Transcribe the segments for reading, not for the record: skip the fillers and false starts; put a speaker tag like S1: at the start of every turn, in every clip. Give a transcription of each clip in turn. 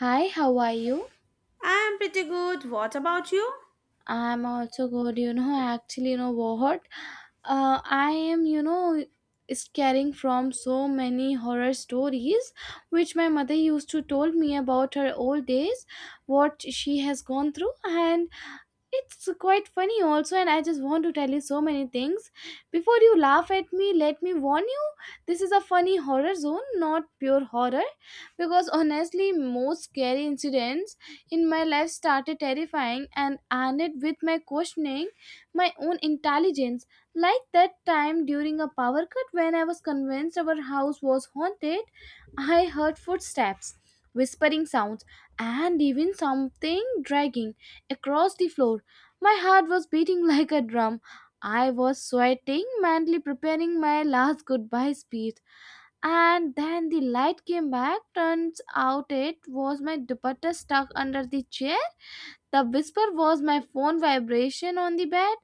S1: Hi, how are you?
S2: I'm pretty good. What about you?
S1: I'm also good. You know, actually, you know what? I am, scaring from so many horror stories which my mother used to told me about her old days, what she has gone through, and it's quite funny also, and I just want to tell you so many things. Before you laugh at me, let me warn you, this is a funny horror zone, not pure horror. Because honestly, most scary incidents in my life started terrifying and ended with my questioning my own intelligence. Like that time during a power cut when I was convinced our house was haunted, I heard footsteps, whispering sounds, and even something dragging across the floor. My heart was beating like a drum. I was sweating, mentally preparing my last goodbye speech. And then the light came back. Turns out it was my dupatta stuck under the chair. The whisper was my phone vibration on the bed.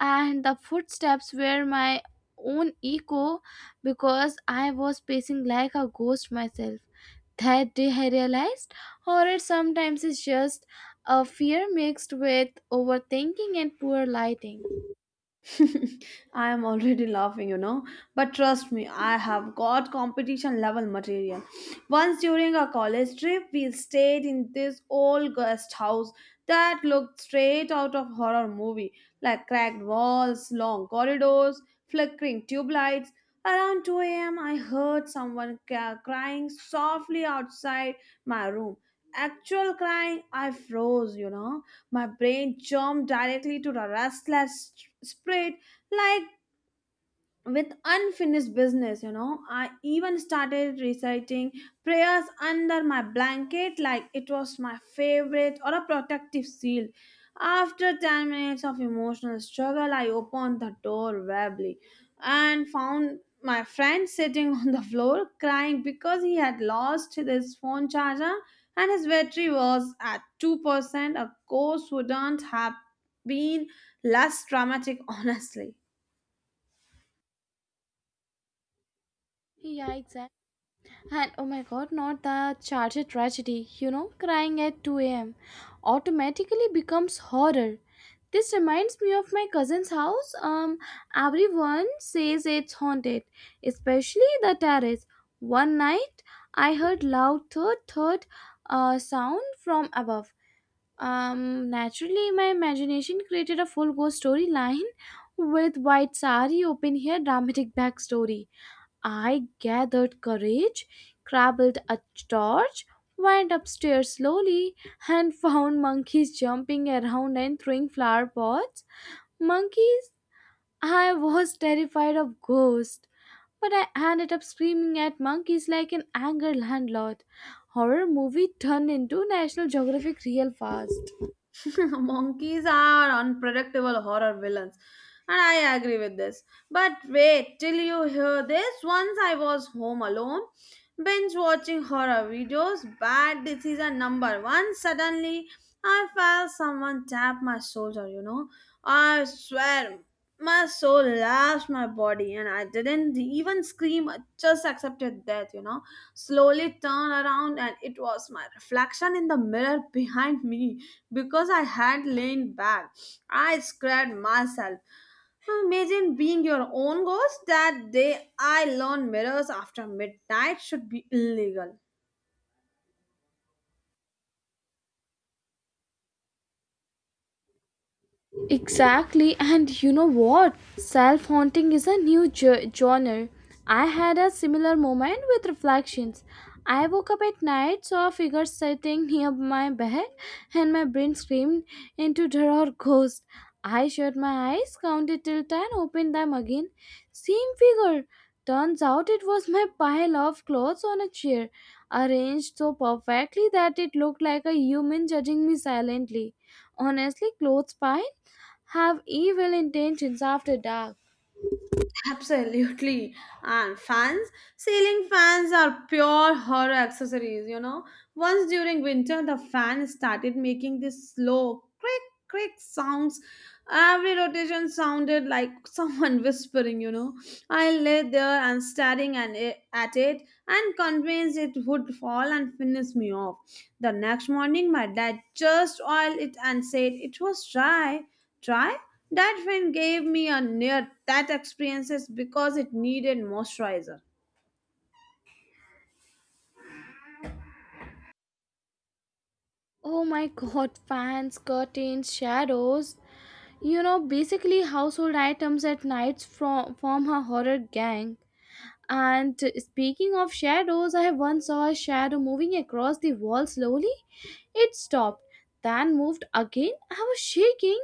S1: And the footsteps were my own echo because I was pacing like a ghost myself. That day I realized horror sometimes is just a fear mixed with overthinking and poor lighting.
S2: I am already laughing, But trust me, I have got competition level material. Once during a college trip, we stayed in this old guest house that looked straight out of horror movie, like cracked walls, long corridors, flickering tube lights. Around 2 a.m., I heard someone crying softly outside my room. Actual crying, I froze, My brain jumped directly to the restless spread like with unfinished business. I even started reciting prayers under my blanket like it was my favorite or a protective shield. After 10 minutes of emotional struggle, I opened the door wobbly and found my friend sitting on the floor crying because he had lost his phone charger and his battery was at 2%. A course wouldn't have been less dramatic honestly.
S1: Yeah, exactly. And oh my god, not the charger tragedy, crying at 2 a.m. automatically becomes horror. This reminds me of my cousin's house. Everyone says it's haunted, especially the terrace. One night, I heard loud thud thud sound from above. Naturally, my imagination created a full ghost storyline with white sari, open hair, dramatic backstory. I gathered courage, crabbled a torch, went upstairs slowly, and found monkeys jumping around and throwing flower pots. Monkeys? I was terrified of ghosts, but I ended up screaming at monkeys like an angry landlord. Horror movie turned into National Geographic real fast.
S2: Monkeys are unpredictable horror villains, and I agree with this. But wait till you hear this. Once I was home alone, binge watching horror videos, bad decision number one. Suddenly, I felt someone tap my shoulder, I swear my soul lashed my body and I didn't even scream. I just accepted death, slowly turned around, and it was my reflection in the mirror behind me because I had lain back. I scared myself. Imagine being your own ghost. That day I learned mirrors after midnight should be illegal.
S1: Exactly, and you know what? Self haunting is a new genre. I had a similar moment with reflections. I woke up at night, saw a figure sitting near my bed, and my brain screamed into terror ghost. I shut my eyes, counted till 10, opened them again. Same figure. Turns out it was my pile of clothes on a chair, arranged so perfectly that it looked like a human judging me silently. Honestly, clothes pile have evil intentions after dark.
S2: Absolutely. And fans, ceiling fans are pure horror accessories, Once during winter, the fan started making this slow crick crick sounds. Every rotation sounded like someone whispering, I lay there and staring and at it and convinced it would fall and finish me off. The next morning, my dad just oiled it and said it was dry. Dry? That friend gave me a near that experiences because it needed moisturizer.
S1: Oh my god, fans, curtains, shadows. You know, basically, household items at nights form a horror gang. And speaking of shadows, I once saw a shadow moving across the wall slowly. It stopped, then moved again. I was shaking.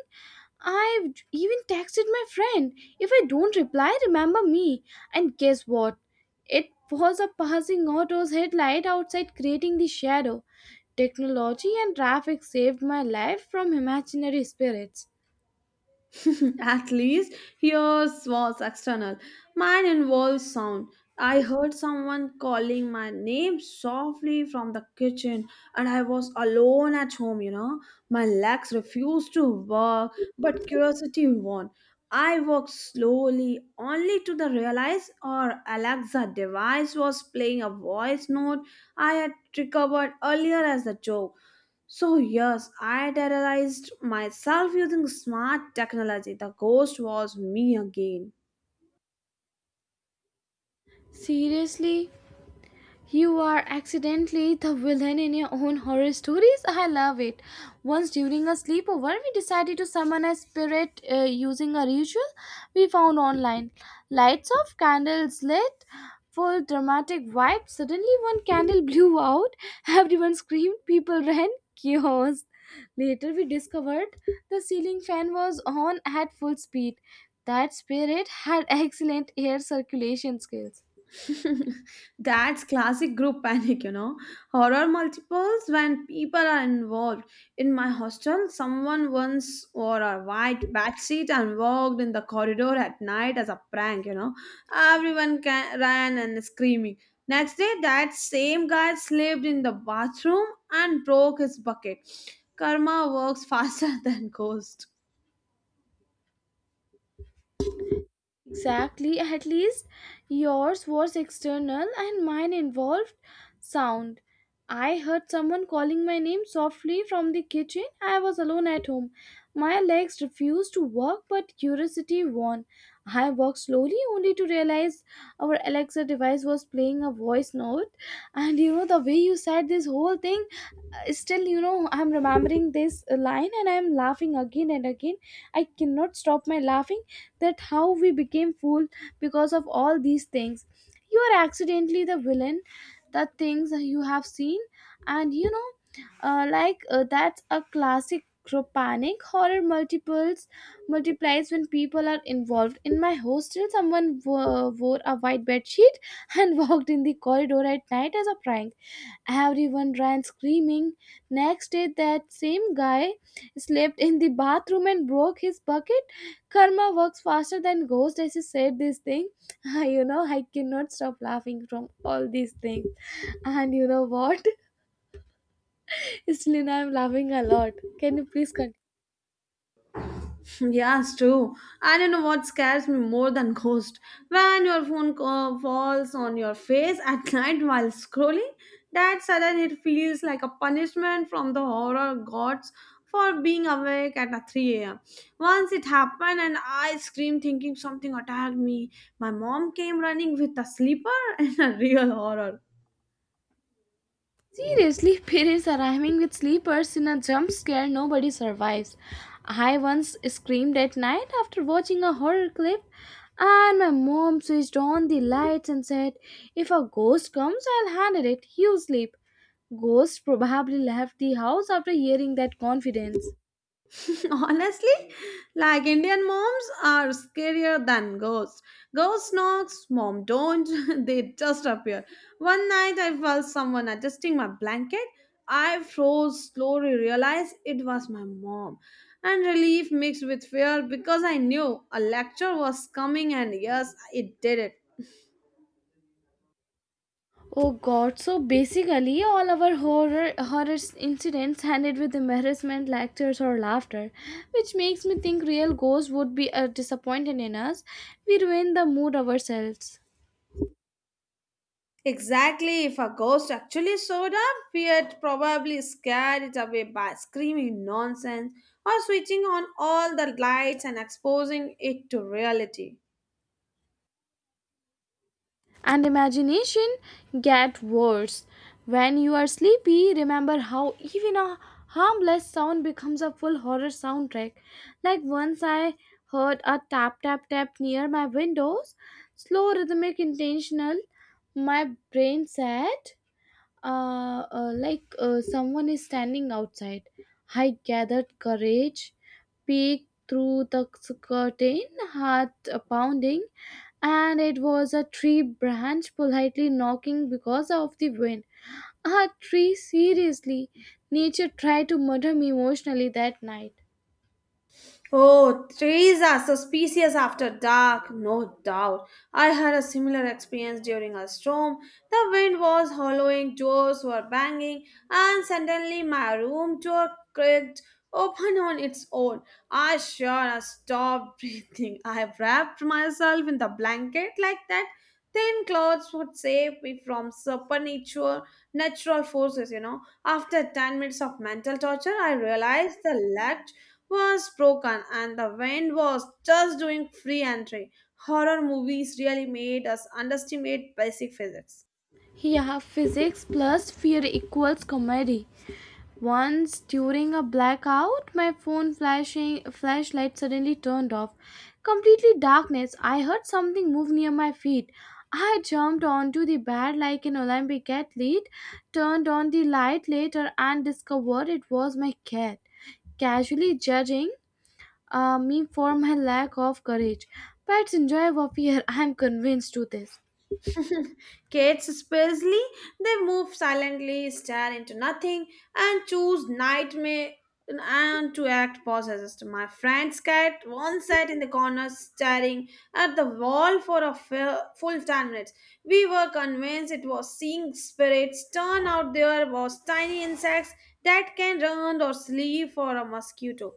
S1: I even texted my friend. If I don't reply, remember me. And guess what? It was a passing auto's headlight outside creating the shadow. Technology and traffic saved my life from imaginary spirits.
S2: At least yours was external. Mine involves sound. I heard someone calling my name softly from the kitchen, and I was alone at home, My legs refused to work, but curiosity won. I walked slowly, only to the realize our Alexa device was playing a voice note I had recovered earlier as a joke. So, yes, I terrorized myself using smart technology. The ghost was me again.
S1: Seriously? You are accidentally the villain in your own horror stories. I love it. Once during a sleepover, we decided to summon a spirit using a ritual we found online. Lights off, candles lit, full dramatic vibe. Suddenly, one candle blew out. Everyone screamed, people ran, chaos. Later, we discovered the ceiling fan was on at full speed. That spirit had excellent air circulation skills.
S2: That's classic group panic, Horror multiples when people are involved. In my hostel, someone once wore a white bedsheet and walked in the corridor at night as a prank, Everyone ran and screaming. Next day, that same guy slept in the bathroom and broke his bucket. Karma works faster than ghosts.
S1: Exactly, at least yours was external and mine involved sound. I heard someone calling my name softly from the kitchen. I was alone at home. My legs refused to work, but curiosity won. I walked slowly only to realize our Alexa device was playing a voice note. And you know, the way you said this whole thing, still, you know, I'm remembering this line and I'm laughing again and again. I cannot stop my laughing, that how we became fool because of all these things. You are accidentally the villain, the things you have seen. And you know, that's a classic group panic. Horror multiples multiplies when people are involved. In my hostel, someone wore a white bed sheet and walked in the corridor at night as a prank. Everyone ran screaming. Next day, that same guy slept in the bathroom and broke his bucket. Karma works faster than ghost, as he said this thing. You know, I cannot stop laughing from all these things. And you know what? Still, I'm laughing a lot. Can you please continue?
S2: Yeah, it's true. I don't know what scares me more than ghost? When your phone falls on your face at night while scrolling, that sudden it feels like a punishment from the horror gods for being awake at a 3 a.m. Once it happened and I screamed thinking something attacked me. My mom came running with a sleeper and a real horror.
S1: Seriously, parents arriving with sleepers in a jump scare nobody survives. I once screamed at night after watching a horror clip, and my mom switched on the lights and said, If a ghost comes, I'll handle it. You sleep. Ghost probably left the house after hearing that confidence.
S2: Honestly, like Indian moms are scarier than ghosts. Ghost knocks, mom don't, they just appear. One night I felt someone adjusting my blanket. I froze, slowly realized it was my mom. And relief mixed with fear because I knew a lecture was coming, and yes, it did it.
S1: Oh god, so basically all our horror incidents ended with embarrassment, lectures or laughter, which makes me think real ghosts would be disappointed in us. We ruin the mood ourselves.
S2: Exactly, if a ghost actually showed up, we'd probably scare it away by screaming nonsense or switching on all the lights and exposing it to reality.
S1: And imagination get worse. When you are sleepy, remember how even a harmless sound becomes a full horror soundtrack. Like once I heard a tap tap tap near my windows, slow rhythmic intentional, my brain said someone is standing outside. I gathered courage, peeked through the curtain, heart pounding, and it was a tree branch politely knocking because of the wind. A tree, seriously. Nature tried to murder me emotionally that night.
S2: Oh, trees are suspicious after dark, no doubt. I had a similar experience during a storm. The wind was hollowing, doors were banging, and suddenly my room door cracked open on its own. I sure stopped breathing. I wrapped myself in the blanket like that. Thin clothes would save me from supernatural natural forces, After 10 minutes of mental torture, I realized the latch was broken and the wind was just doing free entry. Horror movies really made us underestimate basic physics.
S1: Yeah, physics plus fear equals comedy. Once during a blackout, my phone flashing flashlight suddenly turned off. Completely darkness. I heard something move near my feet. I jumped onto the bed like an Olympic athlete, turned on the light later and discovered it was my cat, casually judging me for my lack of courage. Pets enjoy warfare, I am convinced to this.
S2: Cats, especially, they move silently, stare into nothing, and choose nightmare and to act possessed. My friend's cat once sat in the corner staring at the wall for a full 10 minutes. We were convinced it was seeing spirits. Turn out there was tiny insects that can run or sleep for a mosquito.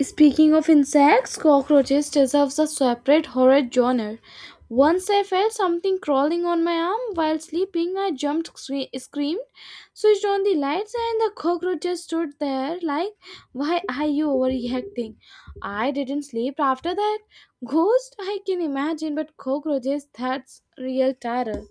S1: Speaking of insects, cockroaches deserves a separate horror genre. Once I felt something crawling on my arm while sleeping. I jumped, screamed, switched on the lights, and the cockroach just stood there like, Why are you overreacting? I didn't sleep after that. Ghost, I can imagine, but cockroaches, that's real terror.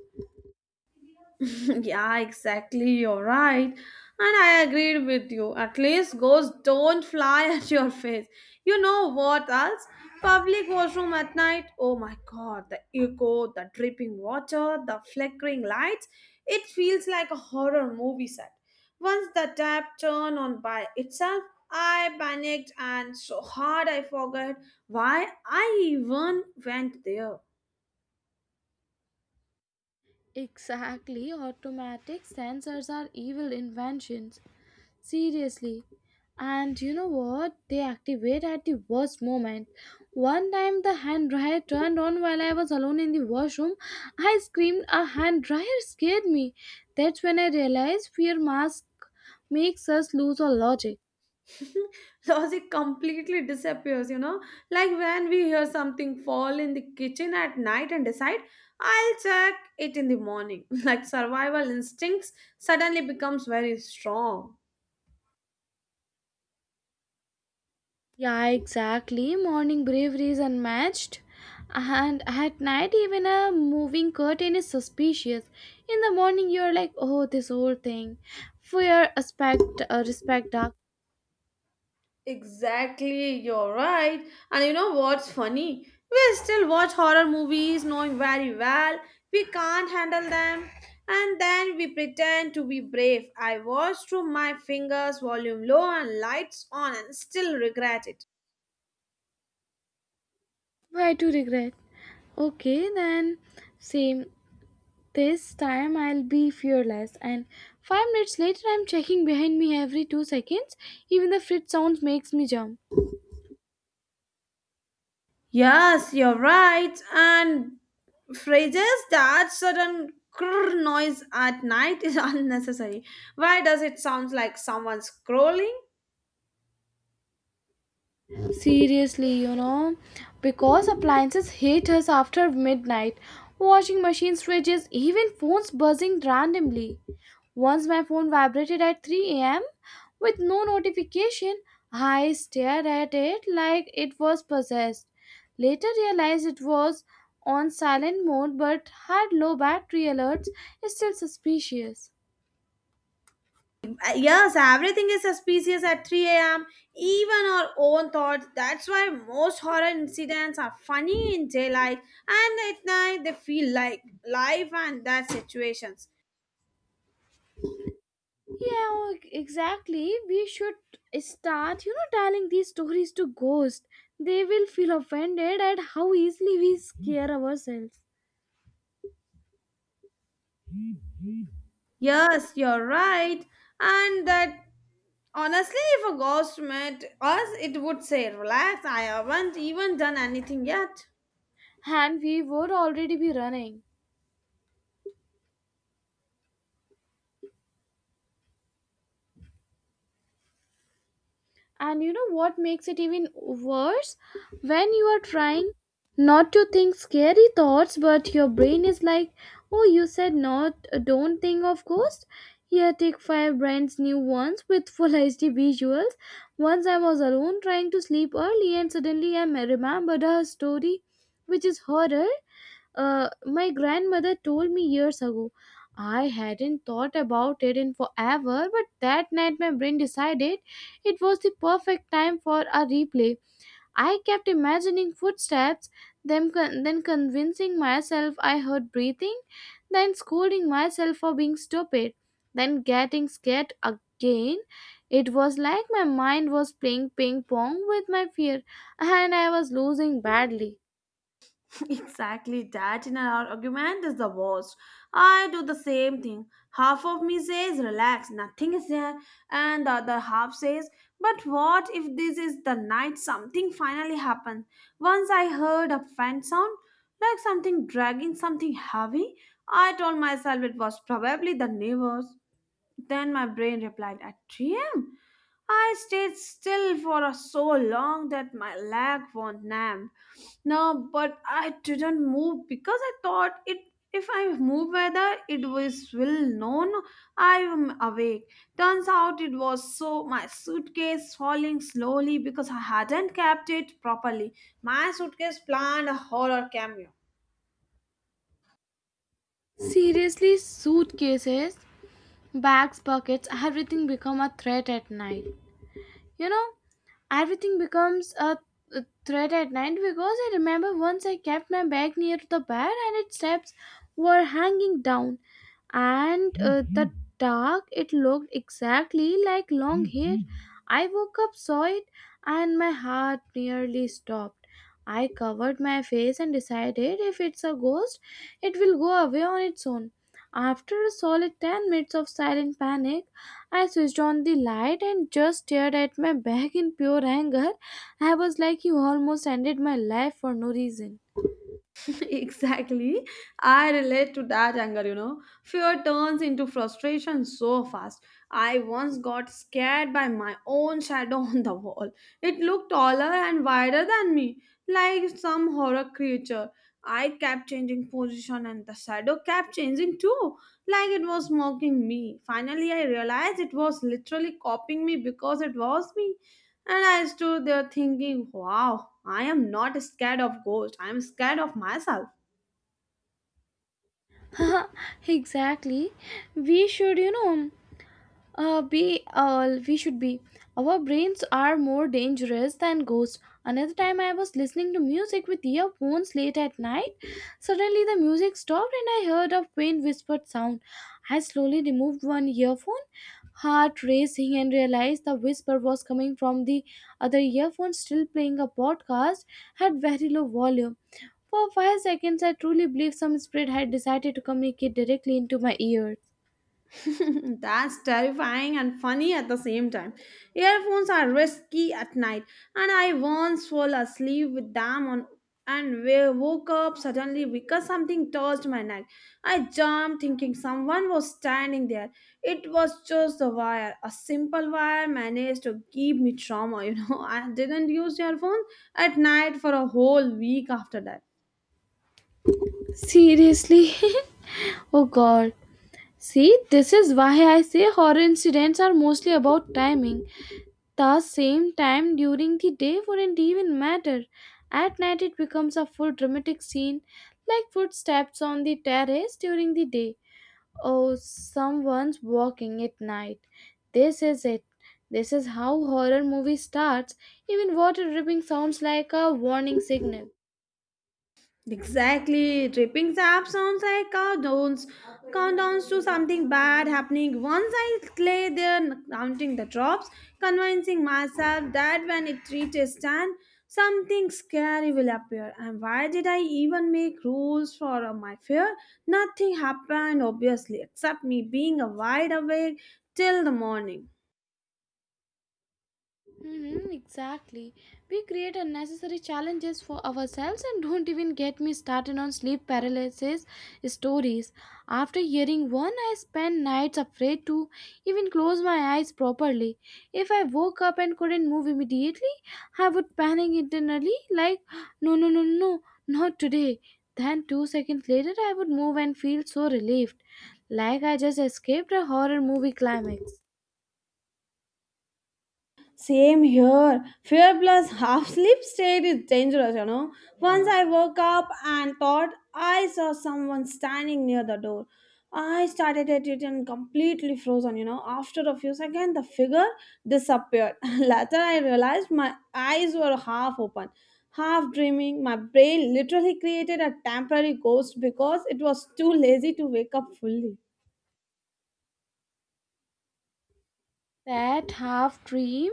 S2: Yeah, exactly. You're right. And I agreed with you. At least ghosts don't fly at your face. You know what else? Public washroom at night. Oh my god, the echo, the dripping water, the flickering lights. It feels like a horror movie set. Once the tap turned on by itself, I panicked and so hard I forgot why I even went there.
S1: Exactly, automatic sensors are evil inventions. Seriously. And you know what? They activate at the worst moment. One time the hand dryer turned on while I was alone in the washroom. I screamed, a hand dryer scared me. That's when I realized fear mask makes us lose our logic.
S2: Logic completely disappears, like when we hear something fall in the kitchen at night and decide I'll check it in the morning. Like survival instincts suddenly becomes very strong.
S1: Yeah, exactly. Morning bravery is unmatched. And at night, even a moving curtain is suspicious. In the morning, you're like, oh, this whole thing. Fear, aspect, respect, dark.
S2: Exactly, you're right. And what's funny, we still watch horror movies knowing very well we can't handle them, and then we pretend to be brave. I watch through my fingers, volume low and lights on, and still regret it.
S1: Why to regret? Okay, then same. This time I'll be fearless. And 5 minutes later, I'm checking behind me every 2 seconds. Even the fridge sounds makes me jump.
S2: Yes, you're right. And phrases that sudden crrr noise at night is unnecessary. Why does it sound like someone scrolling?
S1: Seriously, you know, because appliances hate us after midnight, washing machines, fridges, even phones buzzing randomly. Once my phone vibrated at 3 a.m. with no notification, I stared at it like it was possessed. Later realized it was on silent mode but had low battery alerts, still suspicious.
S2: Yes, everything is suspicious at 3 a.m., even our own thoughts. That's why most horror incidents are funny in daylight and at night they feel like life and death situations.
S1: Yeah, exactly. We should start, you know, telling these stories to ghosts. They will feel offended at how easily we scare ourselves.
S2: Yes, you're right. And that honestly, if a ghost met us, it would say, "Relax, I haven't even done anything yet."
S1: And we would already be running. And you know what makes it even worse? When you are trying not to think scary thoughts, but your brain is like, oh, you said not, don't think of ghosts. Here, take five brands new ones with full HD visuals. Once I was alone trying to sleep early, and suddenly I remembered a story which is horror, my grandmother told me years ago. I hadn't thought about it in forever, but that night my brain decided it was the perfect time for a replay. I kept imagining footsteps, then convincing myself I heard breathing, then scolding myself for being stupid, then getting scared again. It was like my mind was playing ping pong with my fear, and I was losing badly.
S2: Exactly, that in our argument is the worst. I do the same thing. Half of me says, relax, nothing is there, and the other half says, but what if this is the night something finally happened? Once I heard a faint sound, like something dragging something heavy. I told myself it was probably the neighbors. Then my brain replied, at 3 a.m.? I stayed still for so long that my leg was numb. No, but I didn't move because I thought it. If I move, whether it was will known I am awake. Turns out it was so. My suitcase falling slowly because I hadn't kept it properly. My suitcase planned a horror cameo.
S1: Seriously, suitcases, bags, pockets, everything become a threat at night. You know, everything becomes a threat at night because I remember once I kept my bag near the bed and its steps were hanging down, and the dark it looked exactly like long hair. I woke up, saw it, and my heart nearly stopped. I covered my face and decided if it's a ghost, it will go away on its own. After a solid 10 minutes of silent panic, I switched on the light and just stared at my bag in pure anger. I was like, You almost ended my life for no reason.
S2: Exactly. I relate to that anger, Fear turns into frustration so fast. I once got scared by my own shadow on the wall. It looked taller and wider than me, like some horror creature. I kept changing position and the shadow kept changing too, like it was mocking me. Finally, I realized it was literally copying me because it was me. And I stood there thinking, wow, I am not scared of ghosts. I am scared of myself.
S1: Exactly. We should, you know. Be all we should be. Our brains are more dangerous than ghosts. Another time, I was listening to music with earphones late at night. Suddenly, the music stopped and I heard a faint whispered sound. I slowly removed one earphone, heart racing, and realized the whisper was coming from the other earphone still playing a podcast at very low volume. For 5 seconds, I truly believed some spirit had decided to communicate directly into my ears.
S2: That's terrifying and funny at the same time. Earphones are risky at night, and I once fell asleep with them on and woke up suddenly because something touched my neck. I jumped thinking someone was standing there. It was just a wire. A simple wire managed to give me trauma, I didn't use earphones at night for a whole week after that.
S1: Seriously? Oh god. See, this is why I say horror incidents are mostly about timing. The same time during the day wouldn't even matter. At night, it becomes a full dramatic scene, like footsteps on the terrace during the day. Oh, someone's walking at night. This is it. This is how horror movie starts. Even water dripping sounds like a warning signal.
S2: Exactly. Tripping sap sounds like countdowns, countdowns to something bad happening. Once I lay there counting the drops, convincing myself that when it reaches 10, something scary will appear. And why did I even make rules for my fear? Nothing happened, obviously, except me being a wide awake till the morning.
S1: Mm-hmm, exactly. We create unnecessary challenges for ourselves and don't even get me started on sleep paralysis stories. After hearing one, I spent nights afraid to even close my eyes properly. If I woke up and couldn't move immediately, I would panic internally like, no, no, no, no, not today. Then, 2 seconds later, I would move and feel so relieved, like I just escaped a horror movie climax.
S2: Same here. Fear plus half sleep state is dangerous, Once I woke up and thought I saw someone standing near the door. I started at it and completely frozen, After a few seconds, the figure disappeared. Later, I realized my eyes were half open, half dreaming. My brain literally created a temporary ghost because it was too lazy to wake up fully.
S1: That half dream.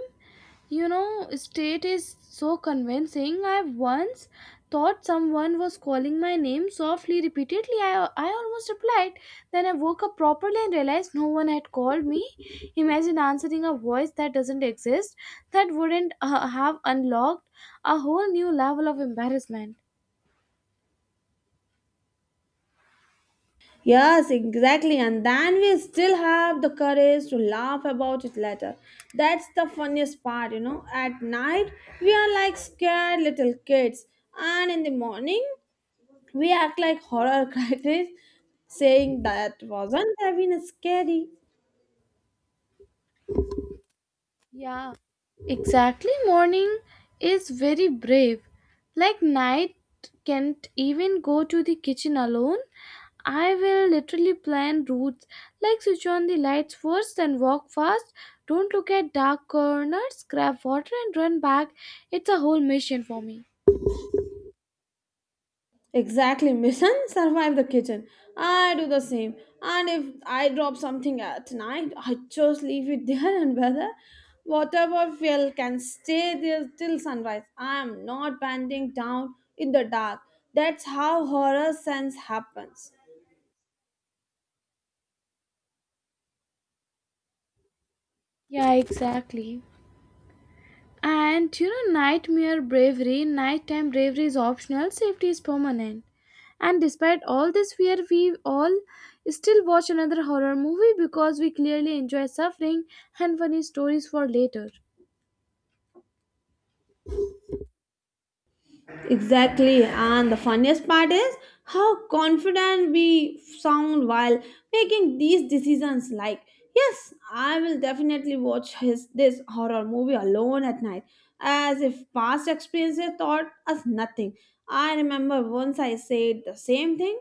S1: You know, state is so convincing. I once thought someone was calling my name softly, repeatedly. I almost replied. Then I woke up properly and realized no one had called me. Imagine answering a voice that doesn't exist, that wouldn't have unlocked a whole new level of embarrassment.
S2: Yes, exactly. And then we still have the courage to laugh about it later. That's the funniest part, At night, we are like scared little kids. And in the morning, we act like horror critics saying that wasn't having a scary.
S1: Yeah, exactly. Morning is very brave. Like night can't even go to the kitchen alone. I will literally plan routes, like switch on the lights first and walk fast. Don't look at dark corners, grab water and run back. It's a whole mission for me.
S2: Exactly, mission survive the kitchen. I do the same. And if I drop something at night, I just leave it there, and whether whatever fell can stay there till sunrise. I am not bending down in the dark. That's how horror sense happens.
S1: Yeah, exactly. And you know, nightmare bravery, nighttime bravery is optional, safety is permanent. And despite all this fear, we all still watch another horror movie because we clearly enjoy suffering and funny stories for later.
S2: Exactly, and the funniest part is how confident we sound while making these decisions. Like, yes, I will definitely watch his this horror movie alone at night, as if past experiences taught us nothing. I remember once I said the same thing,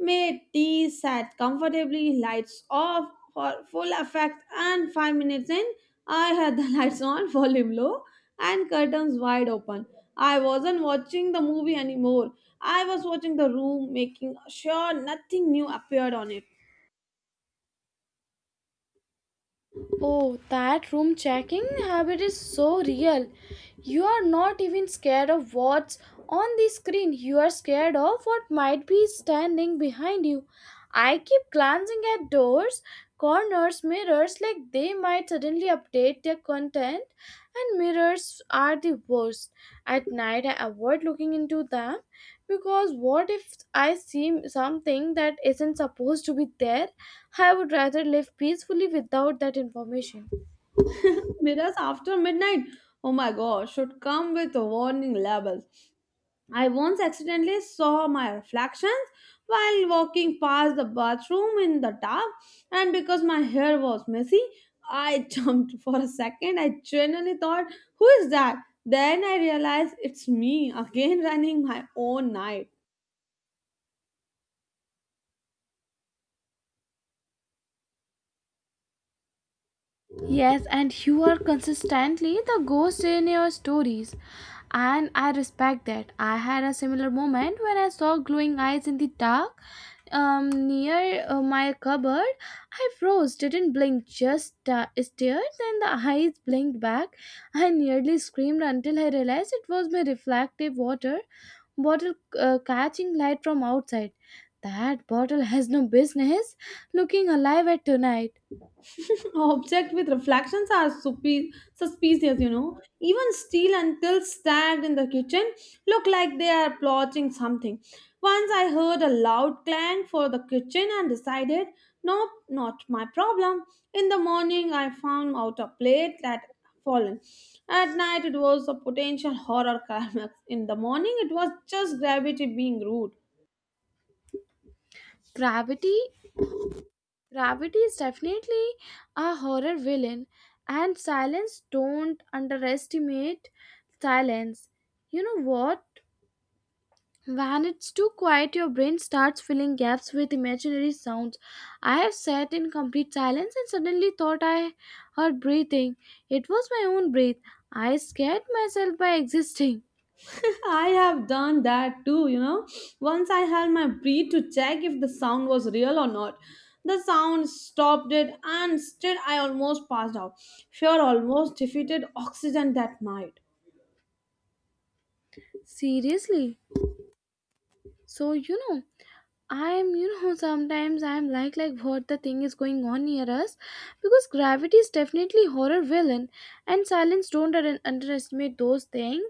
S2: made tea, sat comfortably, lights off for full effect, and 5 minutes in, I had the lights on, volume low, and curtains wide open. I wasn't watching the movie anymore. I was watching the room, making sure nothing new appeared on it.
S1: Oh, that room checking habit is so real. You are not even scared of what's on the screen, you are scared of what might be standing behind you. I keep glancing at doors, corners, mirrors like they might suddenly update their content, and mirrors are the worst. At night, I avoid looking into them because what if I see something that isn't supposed to be there. I would rather live peacefully without that information.
S2: Mirrors after midnight. Oh my gosh, should come with warning labels. I once accidentally saw my reflections while walking past the bathroom in the tub, and because my hair was messy, I jumped for a second. I genuinely thought, who is that? Then I realized it's me again running my own night.
S1: Yes, and you are consistently the ghost in your stories, and I respect that. I had a similar moment when I saw glowing eyes in the dark, near my cupboard. I froze, didn't blink, just stared. Then the eyes blinked back. I nearly screamed until I realized it was my reflective water bottle catching light from outside. That bottle has no business looking alive at tonight.
S2: Objects with reflections are suspicious, Even steel and till stacked in the kitchen look like they are plotting something. Once I heard a loud clang for the kitchen and decided, nope, not my problem. In the morning, I found out a plate that fallen. At night, it was a potential horror climax. In the morning, it was just gravity being rude.
S1: Gravity, gravity is definitely a horror villain, and silence. Don't underestimate silence. You know what? When it's too quiet, your brain starts filling gaps with imaginary sounds. I have sat in complete silence and suddenly thought I heard breathing. It was my own breath. I scared myself by existing.
S2: I have done that too, Once I held my breath to check if the sound was real or not. The sound stopped it, and still I almost passed out. Fear almost defeated oxygen that night.
S1: Seriously. So you know, I'm sometimes I'm like what the thing is going on near us, because gravity is definitely horror villain, and silence don't underestimate those things.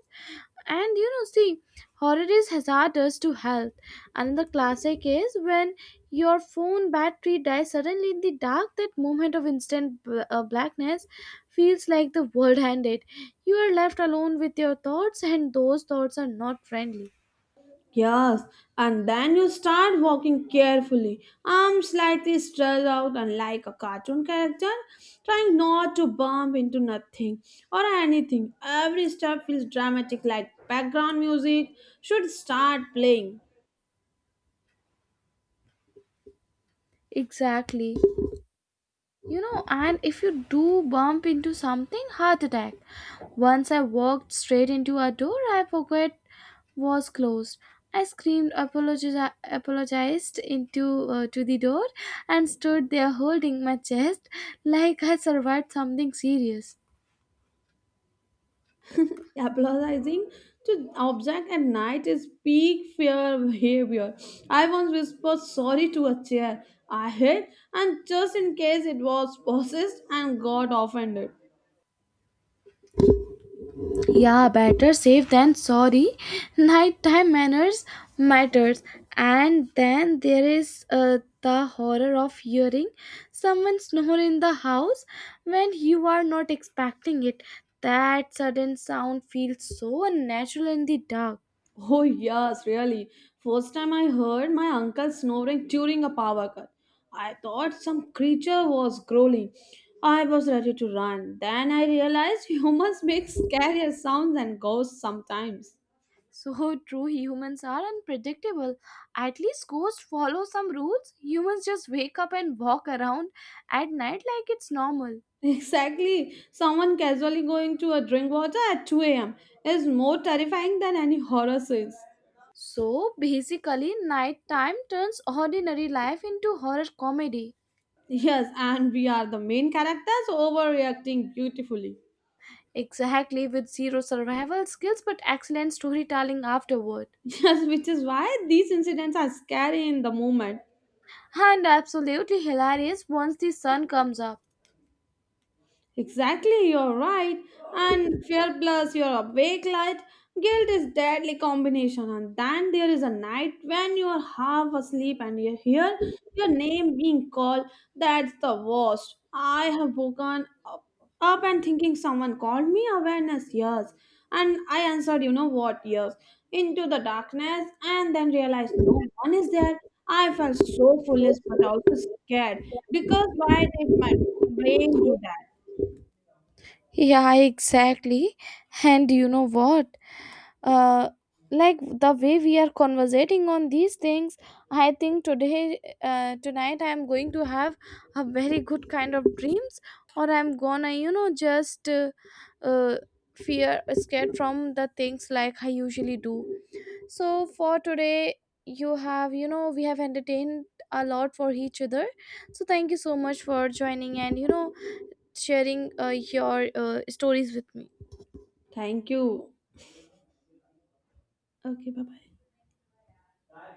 S1: And you know see, horror is hazardous to health. Another classic is when your phone battery dies suddenly in the dark. That moment of instant blackness feels like the world ended. You are left alone with your thoughts, and those thoughts are not friendly.
S2: Yes, and then you start walking carefully, arms slightly stretched out, and like a cartoon character, trying not to bump into nothing or anything. Every step feels dramatic, like background music should start playing.
S1: Exactly. You know, and if you do bump into something, heart attack. Once I walked straight into a door I forgot was closed. I screamed, apologized into to the door, and stood there holding my chest like I survived something serious.
S2: Apologizing to object at night is peak fear behavior. I once whispered sorry to a chair I hit, and just in case it was possessed and got offended.
S1: Yeah, better safe than sorry. Nighttime manners matters. And then there is the horror of hearing someone snore in the house when you are not expecting it. That sudden sound feels so unnatural in the dark.
S2: Oh, yes, really. First time I heard my uncle snoring during a power cut. I thought some creature was growling. I was ready to run. Then I realized humans make scarier sounds than ghosts sometimes.
S1: So true, humans are unpredictable. At least ghosts follow some rules. Humans just wake up and walk around at night like it's normal.
S2: Exactly. Someone casually going to a drink water at 2 a.m. is more terrifying than any horror scenes.
S1: So basically, nighttime turns ordinary life into horror comedy.
S2: Yes, and we are the main characters overreacting beautifully.
S1: Exactly, with zero survival skills but excellent storytelling afterward.
S2: Yes, which is why these incidents are scary in the moment.
S1: And absolutely hilarious once the sun comes up.
S2: Exactly, you're right. And fear plus your awake light, guilt is deadly combination. And then there is a night when you're half asleep and you hear your name being called. That's the worst. I have woken up and thinking someone called me awareness, yes. And I answered, you know what, yes, into the darkness and then realized no one is there. I felt so foolish but also scared because why did my brain do that?
S1: Yeah, exactly. And you know what? uh, like the way we are conversating on these things, I think today, tonight I am going to have a very good kind of dreams, or I'm gonna you know just uh, fear scared from the things like I usually do. So for today, you have, we have entertained a lot for each other, so thank you so much for joining and you know sharing your stories with me.
S2: Thank you. Okay, bye bye.